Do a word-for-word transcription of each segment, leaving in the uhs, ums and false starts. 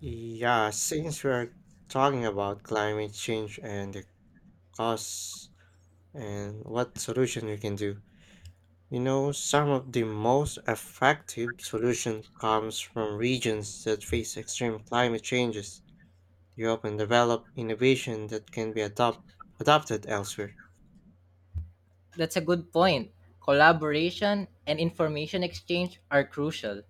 Yeah, since we're talking about climate change and the costs and what solution we can do, you know, some of the most effective solution comes from regions that face extreme climate changes. They often develop innovation that can be adopt adopted elsewhere. That's a good point. Collaboration and information exchange are crucial.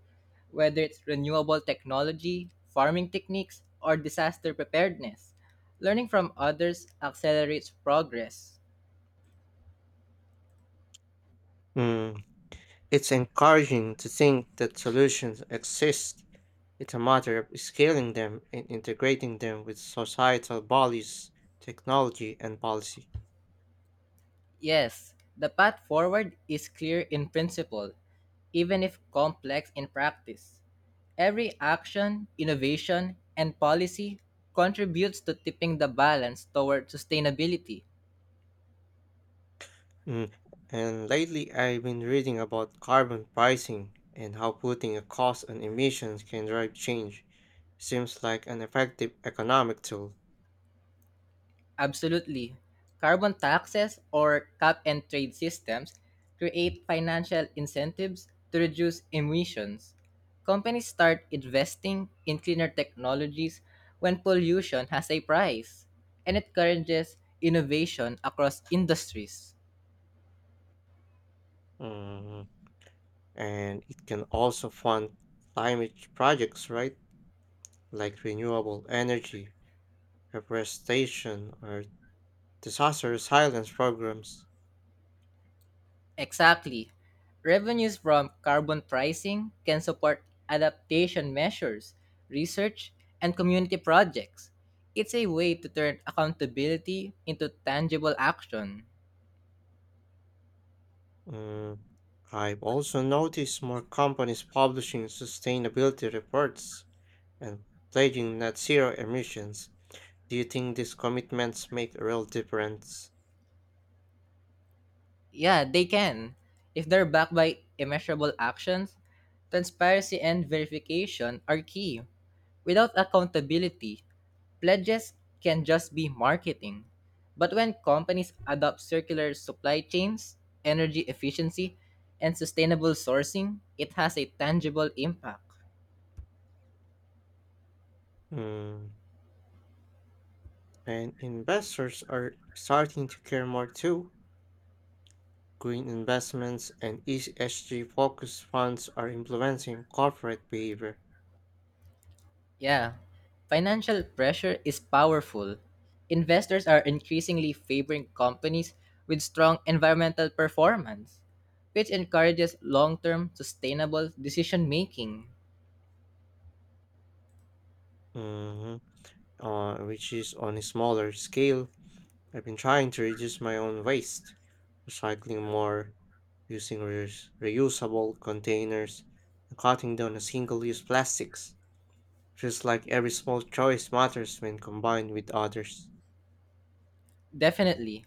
Whether it's renewable technology, farming techniques, or disaster preparedness, learning from others accelerates progress. Mm. It's encouraging to think that solutions exist. It's a matter of scaling them and integrating them with societal bodies, technology, and policy. Yes, the path forward is clear in principle, even if complex in practice. Every action, innovation, and policy contributes to tipping the balance toward sustainability. Mm. And lately, I've been reading about carbon pricing and how putting a cost on emissions can drive change. Seems like an effective economic tool. Absolutely. Carbon taxes or cap and trade systems create financial incentives to reduce emissions. Companies start investing in cleaner technologies when pollution has a price, and it encourages innovation across industries. Mm. And it can also fund climate projects, right? Like renewable energy, reforestation, or disaster resilience programs. Exactly. Revenues from carbon pricing can support adaptation measures, research, and community projects. It's a way to turn accountability into tangible action. Mm. I've also noticed more companies publishing sustainability reports and pledging net zero emissions. Do you think these commitments make a real difference? Yeah, they can. If they're backed by immeasurable actions, transparency and verification are key. Without accountability, pledges can just be marketing, but when companies adopt circular supply chains, energy efficiency, and sustainable sourcing, it has a tangible impact. Hmm, And investors are starting to care more too. Green investments and E S G focused funds are influencing corporate behavior. Yeah, financial pressure is powerful. Investors are increasingly favoring companies with strong environmental performance, which encourages long term sustainable decision making. Mhm. Uh, which is on a smaller scale. I've been trying to reduce my own waste, recycling more, using reus- reusable containers, and cutting down on single use plastics. Feels like every small choice matters when combined with others. Definitely.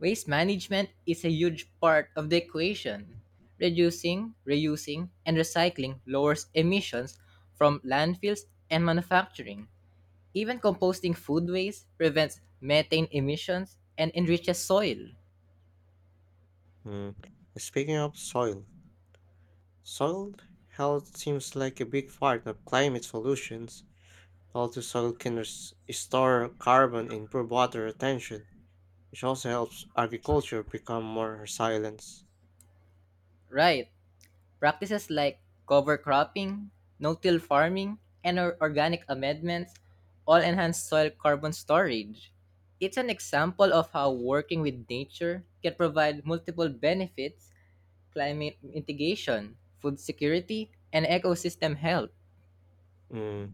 Waste management is a huge part of the equation. Reducing, reusing, and recycling lowers emissions from landfills and manufacturing. Even composting food waste prevents methane emissions and enriches soil. Hmm. Speaking of soil, soil health seems like a big part of climate solutions. Healthy soil can res- store carbon, improve water retention, which also helps agriculture become more resilient. Right. Practices like cover cropping, no-till farming, and or- organic amendments all enhance soil carbon storage. It's an example of how working with nature can provide multiple benefits: climate mitigation, food security, and ecosystem health. Mm.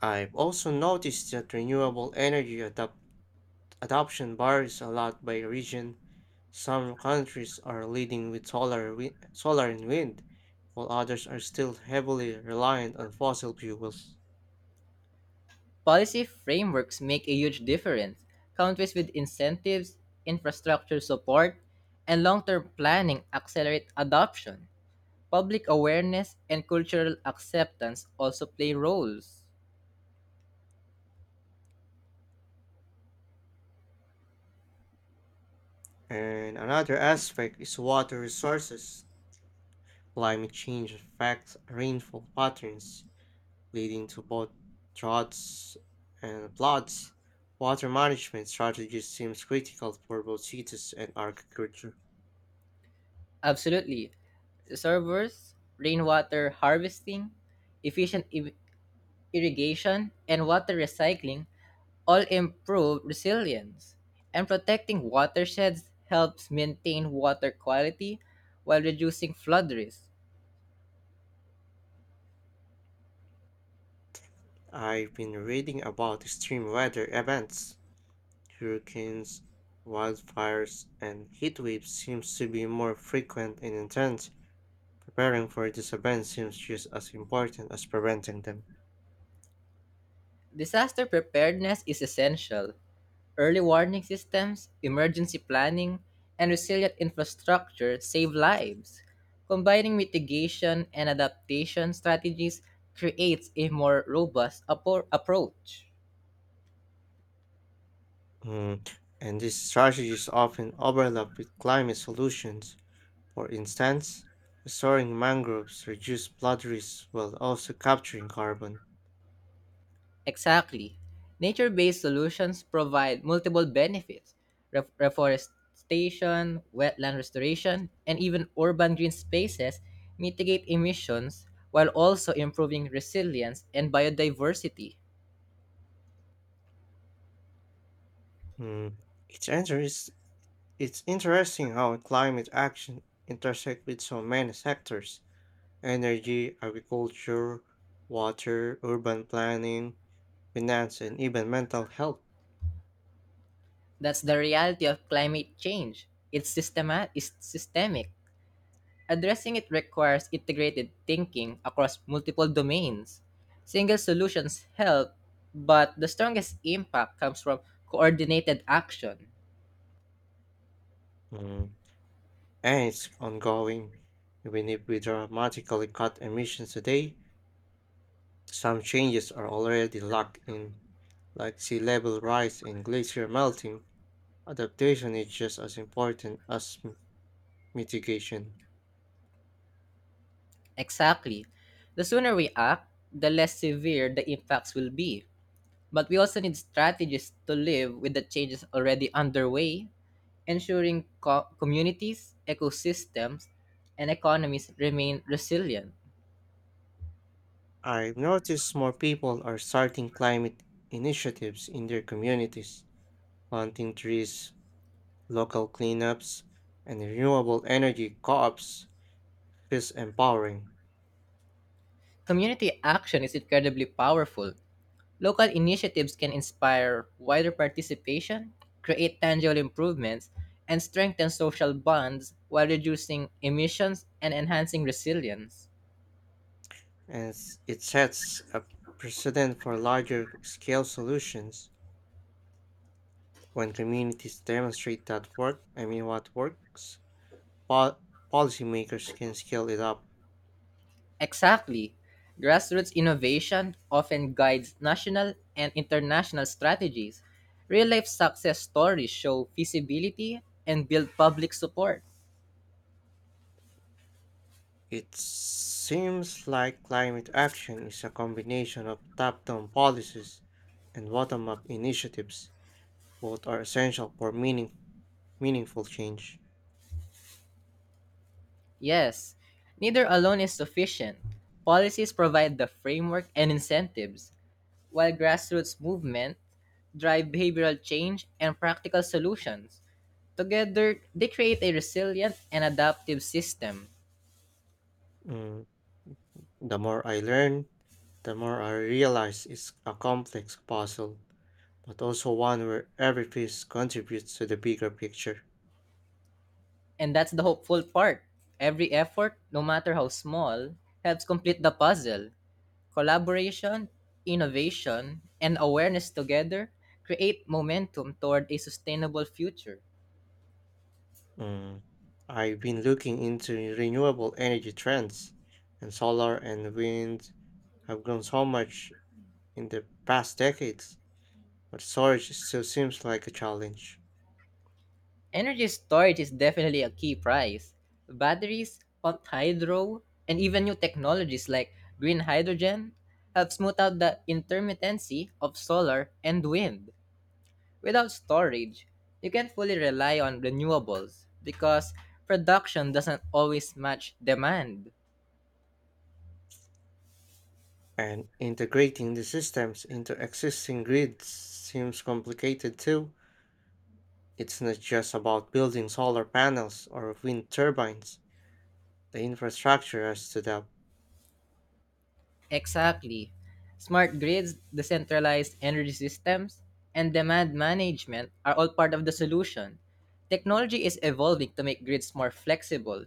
I've also noticed that renewable energy adop- adoption varies a lot by region. Some countries are leading with solar, wi- solar and wind, while others are still heavily reliant on fossil fuels. Policy frameworks make a huge difference. Countries with incentives, infrastructure support, and long-term planning accelerate adoption. Public awareness and cultural acceptance also play roles. And another aspect is water resources. Climate change affects rainfall patterns, leading to both droughts and floods. Water management strategies seems critical for both cities and agriculture. Absolutely. Servers, rainwater harvesting, efficient i- irrigation, and water recycling all improve resilience. And protecting watersheds helps maintain water quality while reducing flood risk. I've been reading about extreme weather events. Hurricanes, wildfires, and heat waves seems to be more frequent and intense. Preparing for these events seems just as important as preventing them. Disaster preparedness is essential. Early warning systems, emergency planning, and resilient infrastructure save lives. Combining mitigation and adaptation strategies creates a more robust appro- approach. Mm, And these strategies often overlap with climate solutions. For instance, restoring mangroves reduce flood risks while also capturing carbon. Exactly. Nature based solutions provide multiple benefits. Ref- reforestation, wetland restoration, and even urban green spaces mitigate emissions while also improving resilience and biodiversity. Mm, It's interest, it's interesting how climate action intersect with so many sectors: energy, agriculture, water, urban planning, finance, and even mental health. That's the reality of climate change. It's, systema- it's systemic. Addressing it requires integrated thinking across multiple domains. Single solutions help, but the strongest impact comes from coordinated action. Mm, And it's ongoing. Even if we dramatically cut emissions today, some changes are already locked in, like sea level rise and glacier melting. Adaptation is just as important as m- mitigation. Exactly. The sooner we act, the less severe the impacts will be. But we also need strategies to live with the changes already underway, ensuring co- communities, ecosystems, and economies remain resilient. I've noticed more people are starting climate initiatives in their communities, planting trees, local cleanups, and renewable energy co-ops feels empowering, Community action is incredibly powerful. Local initiatives can inspire wider participation, create tangible improvements, and strengthen social bonds while reducing emissions and enhancing resilience. and s- it sets a precedent for larger scale solutions. When communities demonstrate that work, I mean what works, po- policymakers can scale it up. Exactly. Grassroots innovation often guides national and international strategies. Real life success stories show feasibility and build public support. It seems like climate action is a combination of top down policies and bottom up initiatives. Both are essential for meaning- meaningful change. Yes, neither alone is sufficient. Policies provide the framework and incentives, while grassroots movement drive behavioral change and practical solutions. Together, they create a resilient and adaptive system. Mm, The more I learn, the more I realize it's a complex puzzle, but also one where every piece contributes to the bigger picture. And that's the hopeful part. Every effort, no matter how small, helps complete the puzzle. Collaboration, innovation, and awareness together create momentum toward a sustainable future. Mm. I've been looking into renewable energy trends, and solar and wind have grown so much in the past decades, but storage still seems like a challenge. Energy storage is definitely a key prize. Batteries, pumped hydro, and even new technologies like green hydrogen help smooth out the intermittency of solar and wind. Without storage, you can't fully rely on renewables because production doesn't always match demand. And integrating the systems into existing grids seems complicated too. It's not just about building solar panels or wind turbines, the infrastructure has to adapt. Exactly. Smart grids, decentralized energy systems, and demand management are all part of the solution. Technology is evolving to make grids more flexible,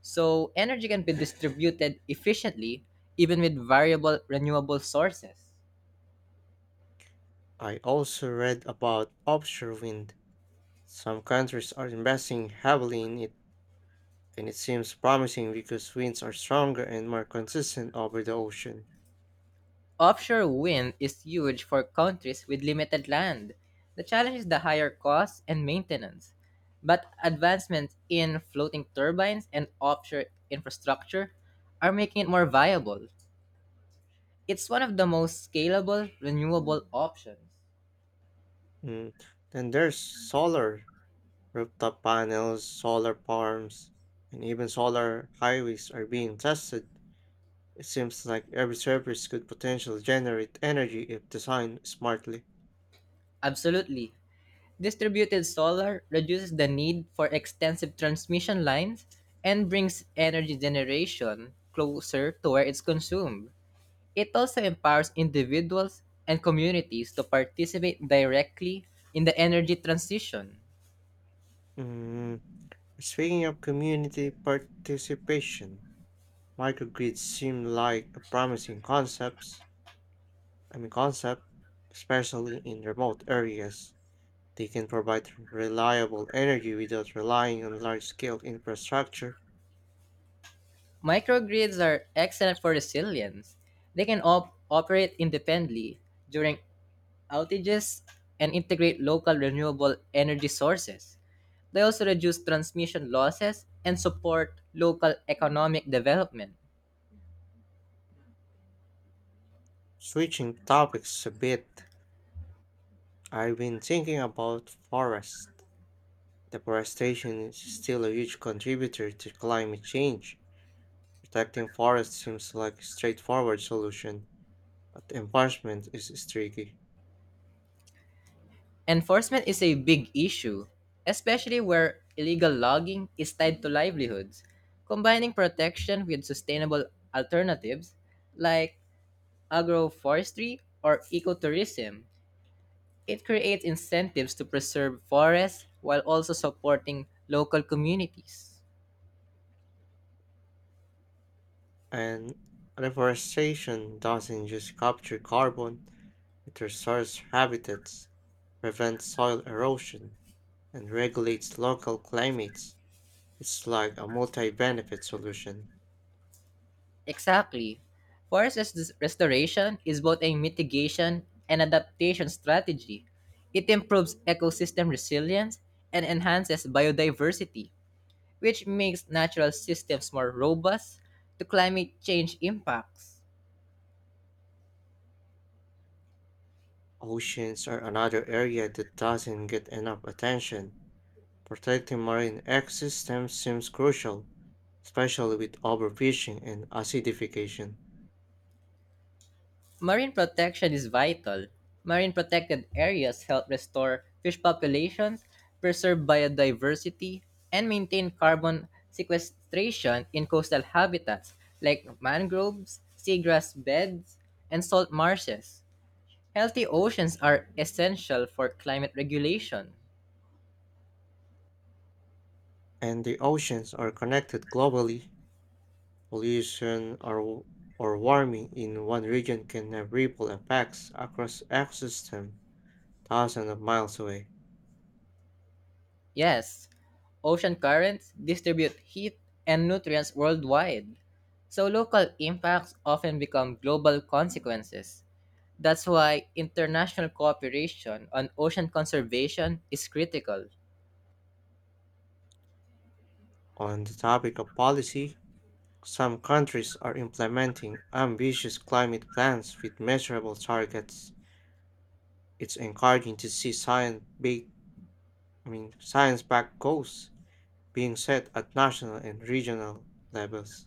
so energy can be distributed efficiently even with variable renewable sources. I also read about offshore wind. Some countries are investing heavily in it and it seems promising because winds are stronger and more consistent over the ocean. Offshore wind is huge for countries with limited land. The challenge is the higher cost and maintenance. But advancements in floating turbines and offshore infrastructure are making it more viable. It's one of the most scalable renewable options. Mm. Then there's solar rooftop panels, solar farms, and even solar highways are being tested. It seems like every surface could potentially generate energy if designed smartly. Absolutely. Distributed solar reduces the need for extensive transmission lines and brings energy generation closer to where it's consumed. It also empowers individuals and communities to participate directly in the energy transition. Mm. Speaking of community participation, microgrids seem like a promising concepts. I mean concept, especially in remote areas. They can provide reliable energy without relying on large scale infrastructure. Microgrids are excellent for resilience. They can op- operate independently during outages and integrate local renewable energy sources. They also reduce transmission losses and support local economic development. Switching topics a bit, I've been thinking about forest. Deforestation is still a huge contributor to climate change. Protecting forests seems like a straightforward solution, but enforcement is is tricky. Enforcement is a big issue, especially where illegal logging is tied to livelihoods. Combining protection with sustainable alternatives like agroforestry or ecotourism, it creates incentives to preserve forests while also supporting local communities. And deforestation doesn't just capture carbon, it restores habitats, prevents soil erosion, and regulates local climates. It's like a multi-benefit solution. Exactly. Forest res- restoration is both a mitigation and adaptation strategy. It improves ecosystem resilience and enhances biodiversity, which makes natural systems more robust to climate change impacts. Oceans are another area that doesn't get enough attention. Protecting marine ecosystems seems crucial, especially with overfishing and acidification. Marine protection is vital. Marine protected areas help restore fish populations, preserve biodiversity, and maintain carbon sequestration in coastal habitats like mangroves, seagrass beds, and salt marshes. Healthy oceans are essential for climate regulation. And the oceans are connected globally. Pollution or, or warming in one region can have ripple effects across ecosystems thousands of miles away. Yes, ocean currents distribute heat and nutrients worldwide, so local impacts often become global consequences. That's why international cooperation on ocean conservation is critical. On the topic of policy, some countries are implementing ambitious climate plans with measurable targets. It's encouraging to see science big, I mean, science-backed goals being set at national and regional levels.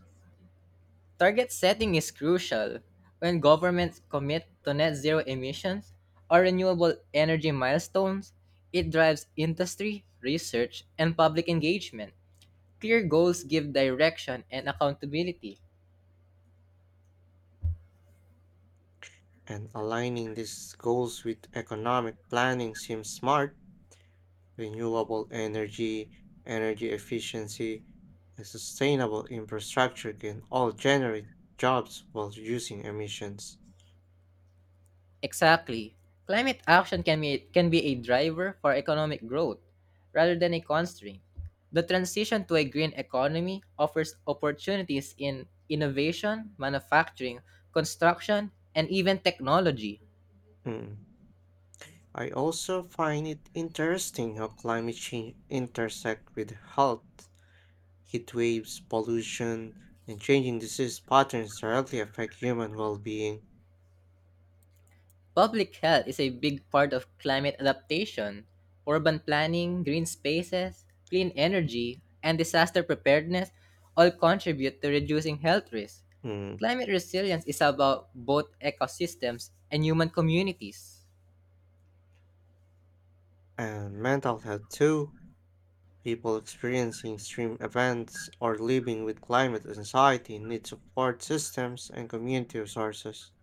Target setting is crucial. When governments commit to net zero emissions or renewable energy milestones, it drives industry, research, and public engagement. Clear goals give direction and accountability. And aligning these goals with economic planning seems smart. Renewable energy, energy efficiency, and sustainable infrastructure can all generate jobs while reducing emissions. Exactly. Climate action can be, can be a driver for economic growth rather than a constraint. The transition to a green economy offers opportunities in innovation, manufacturing, construction, and even technology. Mm. I also find it interesting how climate change intersects with health. Heat waves, pollution, and changing disease patterns directly affect human well-being. Public health is a big part of climate adaptation. Urban planning, green spaces, clean energy, and disaster preparedness all contribute to reducing health risks. Mm. Climate resilience is about both ecosystems and human communities. And mental health too. People experiencing extreme events or living with climate anxiety need support systems and community resources.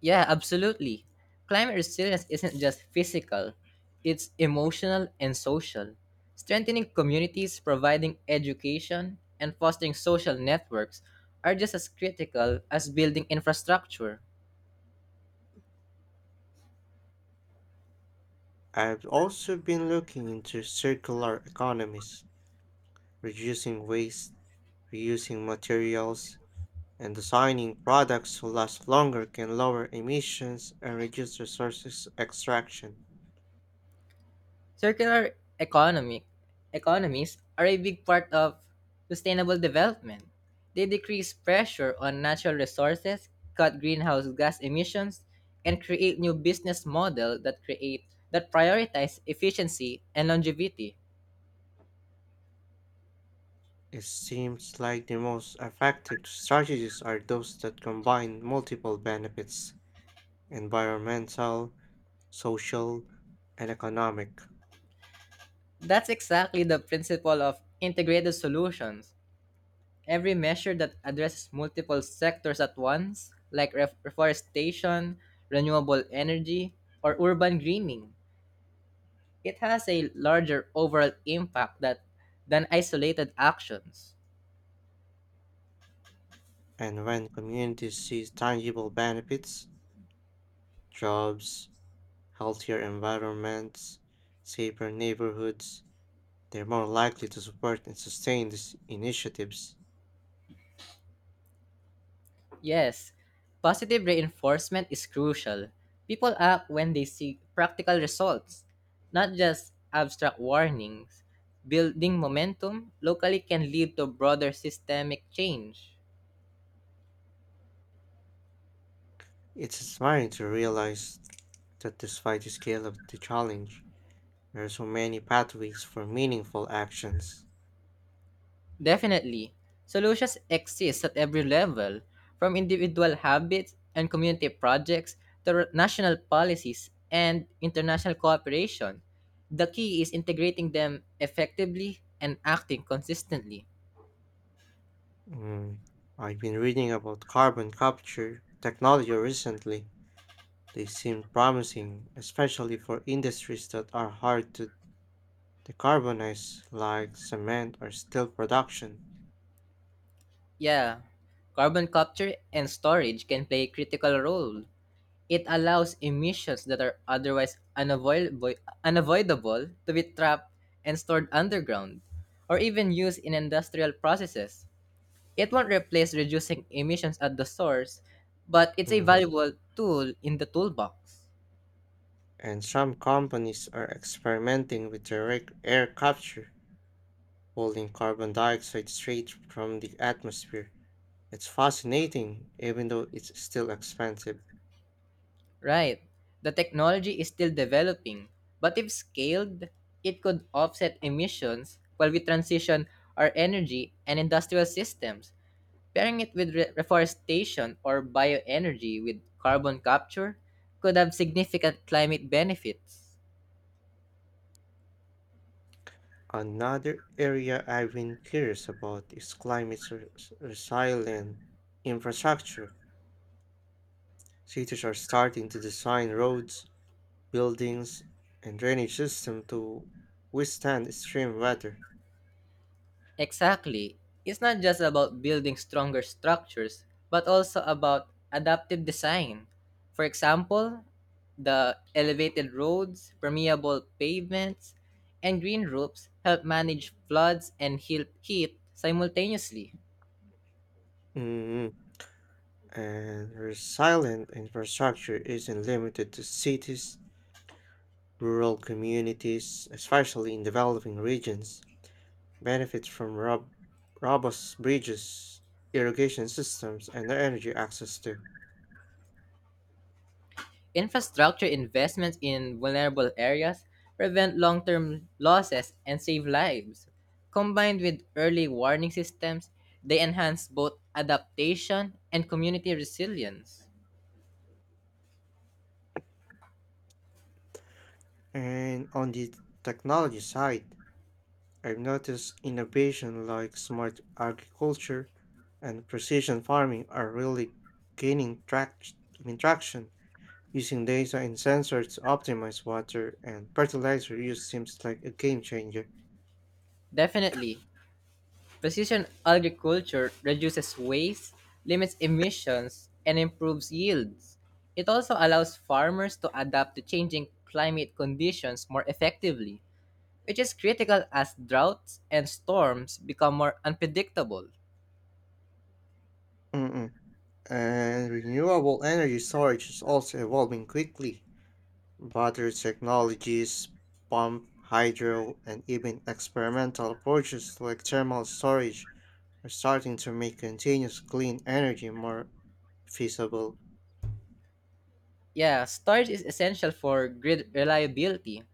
Yeah, absolutely. Climate resilience isn't just physical, it's emotional and social. Strengthening communities, providing education, and fostering social networks are just as critical as building infrastructure. I've also been looking into circular economies, reducing waste, reusing materials, and designing products who last longer can lower emissions and reduce resources extraction. Circular economic economies are a big part of sustainable development. They decrease pressure on natural resources, cut greenhouse gas emissions, and create new business model that create that prioritize efficiency and longevity. It seems like the most effective strategies are those that combine multiple benefits environmental, social, and economic. That's exactly the principle of integrated solutions. Every measure that addresses multiple sectors at once, like ref- reforestation, renewable energy, or urban greening, it has a larger overall impact that, than isolated actions. And when communities see tangible benefits, jobs, healthier environments, safer neighborhoods, they're more likely to support and sustain these initiatives. Yes, positive reinforcement is crucial. People act when they see practical results, not just abstract warnings. Building momentum locally can lead to broader systemic change. It's inspiring to realize that despite the scale of the challenge, there are so many pathways for meaningful actions. Definitely, solutions exist at every level, from individual habits and community projects to r- national policies and international cooperation. The key is integrating them effectively and acting consistently. Mm, I've been reading about carbon capture technology recently. They seem promising, especially for industries that are hard to decarbonize, like cement or steel production. Yeah, carbon capture and storage can play a critical role. It allows emissions that are otherwise unavoidable, unavoidable to be trapped and stored underground, or even used in industrial processes. It won't replace reducing emissions at the source, but it's a Mm, valuable tool in the toolbox. And some companies are experimenting with direct air capture, pulling carbon dioxide straight from the atmosphere. It's fascinating, even though it's still expensive. Right. The technology is still developing, but if scaled, it could offset emissions while we transition our energy and industrial systems. Pairing it with re- reforestation or bioenergy with carbon capture could have significant climate benefits. Another area I've been curious about is climate re- resilient infrastructure. Cities are starting to design roads, buildings, and drainage systems to withstand extreme weather. Exactly. It's not just about building stronger structures, but also about adaptive design. For example, the elevated roads, permeable pavements, and green roofs help manage floods and heal- heat simultaneously. Mm, And resilient infrastructure isn't limited to cities, rural communities, especially in developing regions. Benefits from rob- robust bridges, irrigation systems, and energy access too. Infrastructure investments in vulnerable areas prevent long term losses and save lives. Combined with early warning systems, they enhance both adaptation and community resilience. And on the technology side, I've noticed innovation like smart agriculture and precision farming are really gaining trac- I mean, traction. Using data and sensors to optimize water and fertilizer use seems like a game changer. Definitely. Precision agriculture reduces waste, limits emissions, and improves yields. It also allows farmers to adapt to changing climate conditions more effectively, which is critical as droughts and storms become more unpredictable. Mm-mm. And renewable energy storage is also evolving quickly. Battery technologies, pump, hydro, and even experimental approaches like thermal storage are starting to make continuous clean energy more feasible. Yeah, storage is essential for grid reliability.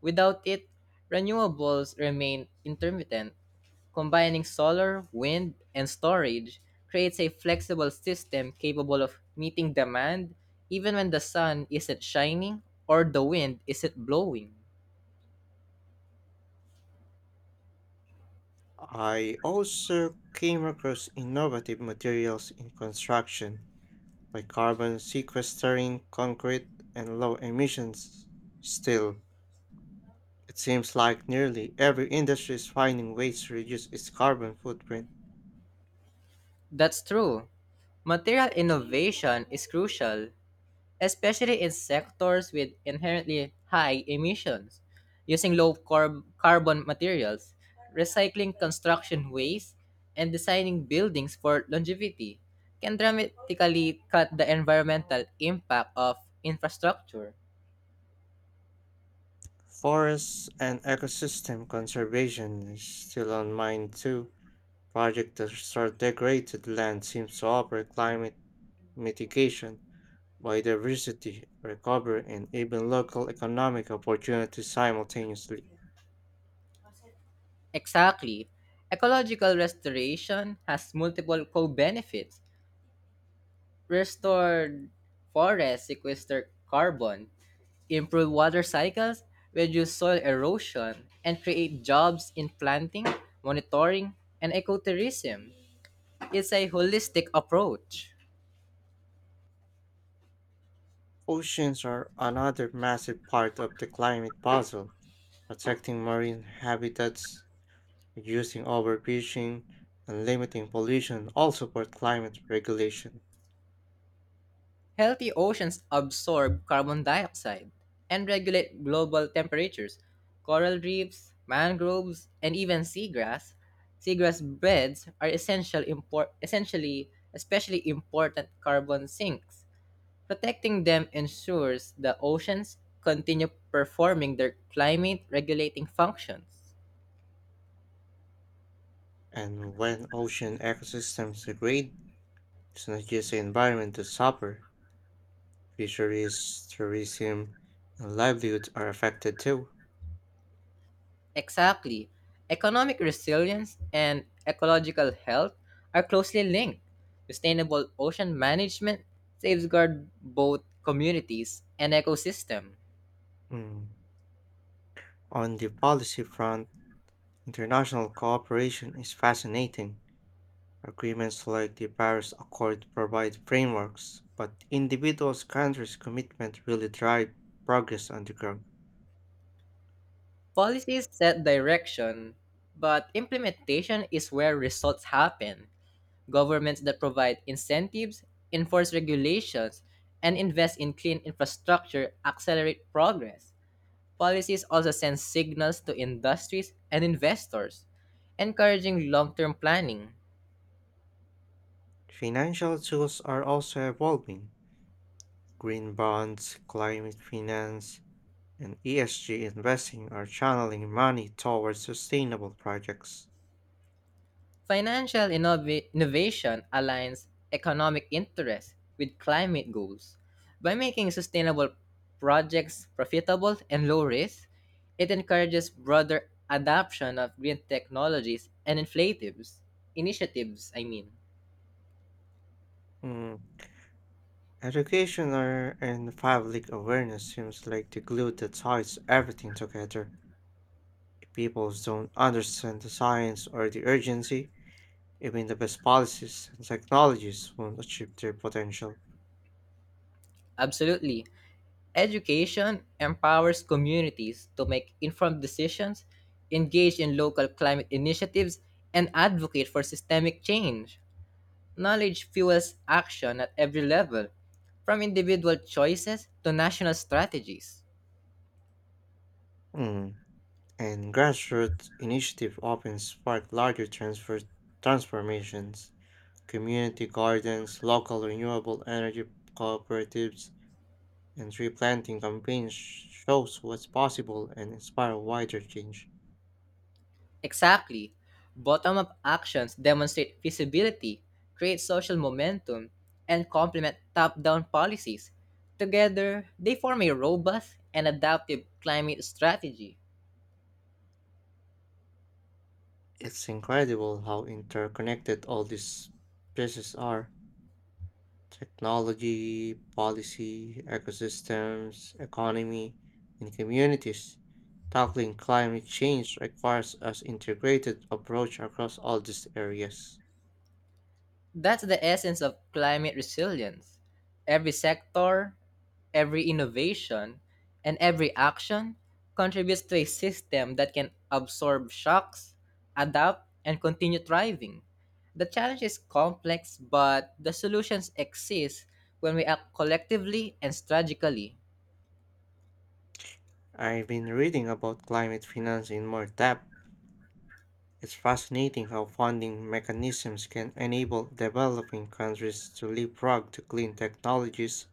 Without it, renewables remain intermittent. Combining solar, wind, and storage creates a flexible system capable of meeting demand even when the sun isn't shining or the wind isn't blowing. I also came across innovative materials in construction by carbon sequestering concrete and low emissions. Still, it seems like nearly every industry is finding ways to reduce its carbon footprint. That's true. Material innovation is crucial, especially in sectors with inherently high emissions. Using low carb- carbon materials, recycling construction waste, and designing buildings for longevity can dramatically cut the environmental impact of infrastructure. Forests and ecosystem conservation is still on mind too. Projects that restore degraded land seems to offer climate mitigation, biodiversity recovery, and even local economic opportunities simultaneously. Exactly. Ecological restoration has multiple co benefits: restored forests sequester carbon, improve water cycles, reduce soil erosion, and create jobs in planting, monitoring, and ecotourism. It's a holistic approach. Oceans are another massive part of the climate puzzle protecting marine habitats, reducing overfishing, and limiting pollution all support climate regulation. Healthy oceans absorb carbon dioxide and regulate global temperatures. Coral reefs, mangroves, and even seagrass, seagrass beds are essential import, essentially, especially important carbon sinks. Protecting them ensures the oceans continue performing their climate regulating functions. And when ocean ecosystems degrade, it's not just the environment that suffer. Fisheries, tourism, and livelihoods are affected too. Exactly. Economic resilience and ecological health are closely linked. Sustainable ocean management safeguard both communities and ecosystem. Mm. On the policy front, international cooperation is fascinating. Agreements like the Paris Accord provide frameworks, but individuals' countries' commitment really drive progress on the ground. Policies set direction, but implementation is where results happen. Governments that provide incentives, enforce regulations, and invest in clean infrastructure accelerate progress. Policies also send signals to industries and investors, encouraging long term planning. Financial tools are also evolving. Green bonds, climate finance, and E S G investing are channeling money towards sustainable projects. Financial innova- innovation aligns economic interests with climate goals. By making sustainable projects profitable and low risk, it encourages broader adoption of green technologies and inflatives, initiatives, I mean. Mm. Education are- and public awareness seems like the glue that ties everything together. If people don't understand the science or the urgency, even the best policies and technologies won't achieve their potential. Absolutely. Education empowers communities to make informed decisions, engage in local climate initiatives, and advocate for systemic change. Knowledge fuels action at every level, from individual choices to national strategies. Mm. And grassroots initiative often spark larger transfer transformations. Community gardens, local renewable energy cooperatives, and tree planting campaigns shows what's possible and inspire wider change. Exactly. Bottom up actions demonstrate feasibility, create social momentum, and complement top down policies. Together, they form a robust and adaptive climate strategy. It's incredible how interconnected all these pieces are. Technology, policy, ecosystems, economy, and communities. Tackling climate change requires an integrated approach across all these areas. That's the essence of climate resilience. Every sector, every innovation, and every action contributes to a system that can absorb shocks, adapt, and continue thriving. The challenge is complex, but the solutions exist when we act collectively and strategically. I've been reading about climate finance in more depth. It's fascinating how funding mechanisms can enable developing countries to leapfrog to clean technologies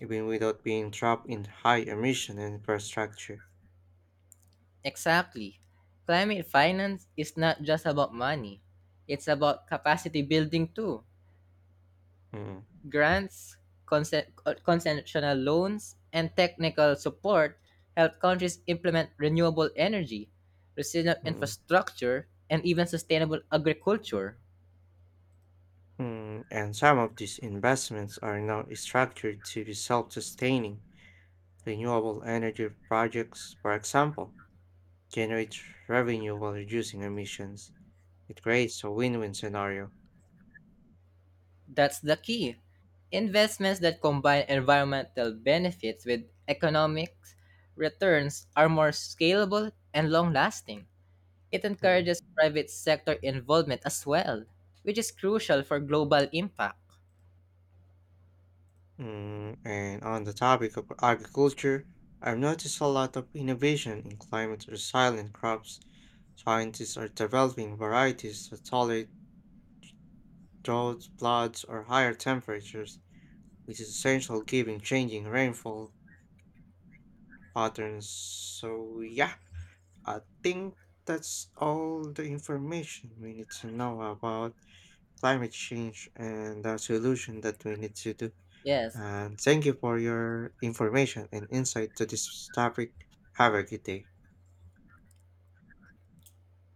even without being trapped in high emission infrastructure. Exactly. Climate finance is not just about money, it's about capacity building too. Mm, Grants, consen- concessional loans, and technical support help countries implement renewable energy, resilient mm. mm. infrastructure, and even sustainable agriculture. Hmm, and some of these investments are now structured to be self sustaining. Renewable energy projects, for example, generate revenue while reducing emissions. It creates a win win scenario. That's the key. Investments that combine environmental benefits with economic returns are more scalable and long lasting. It Mm, encourages private sector involvement as well, which is crucial for global impact. mm, And on the topic of agriculture, I've noticed a lot of innovation in climate resilient crops. Scientists are developing varieties that tolerate droughts, floods, or higher temperatures, which is essential given changing rainfall patterns. So, yeah, I think that's all the information we need to know about climate change and the solution that we need to do. Yes. And thank you for your information and insight to this topic. Have a good day.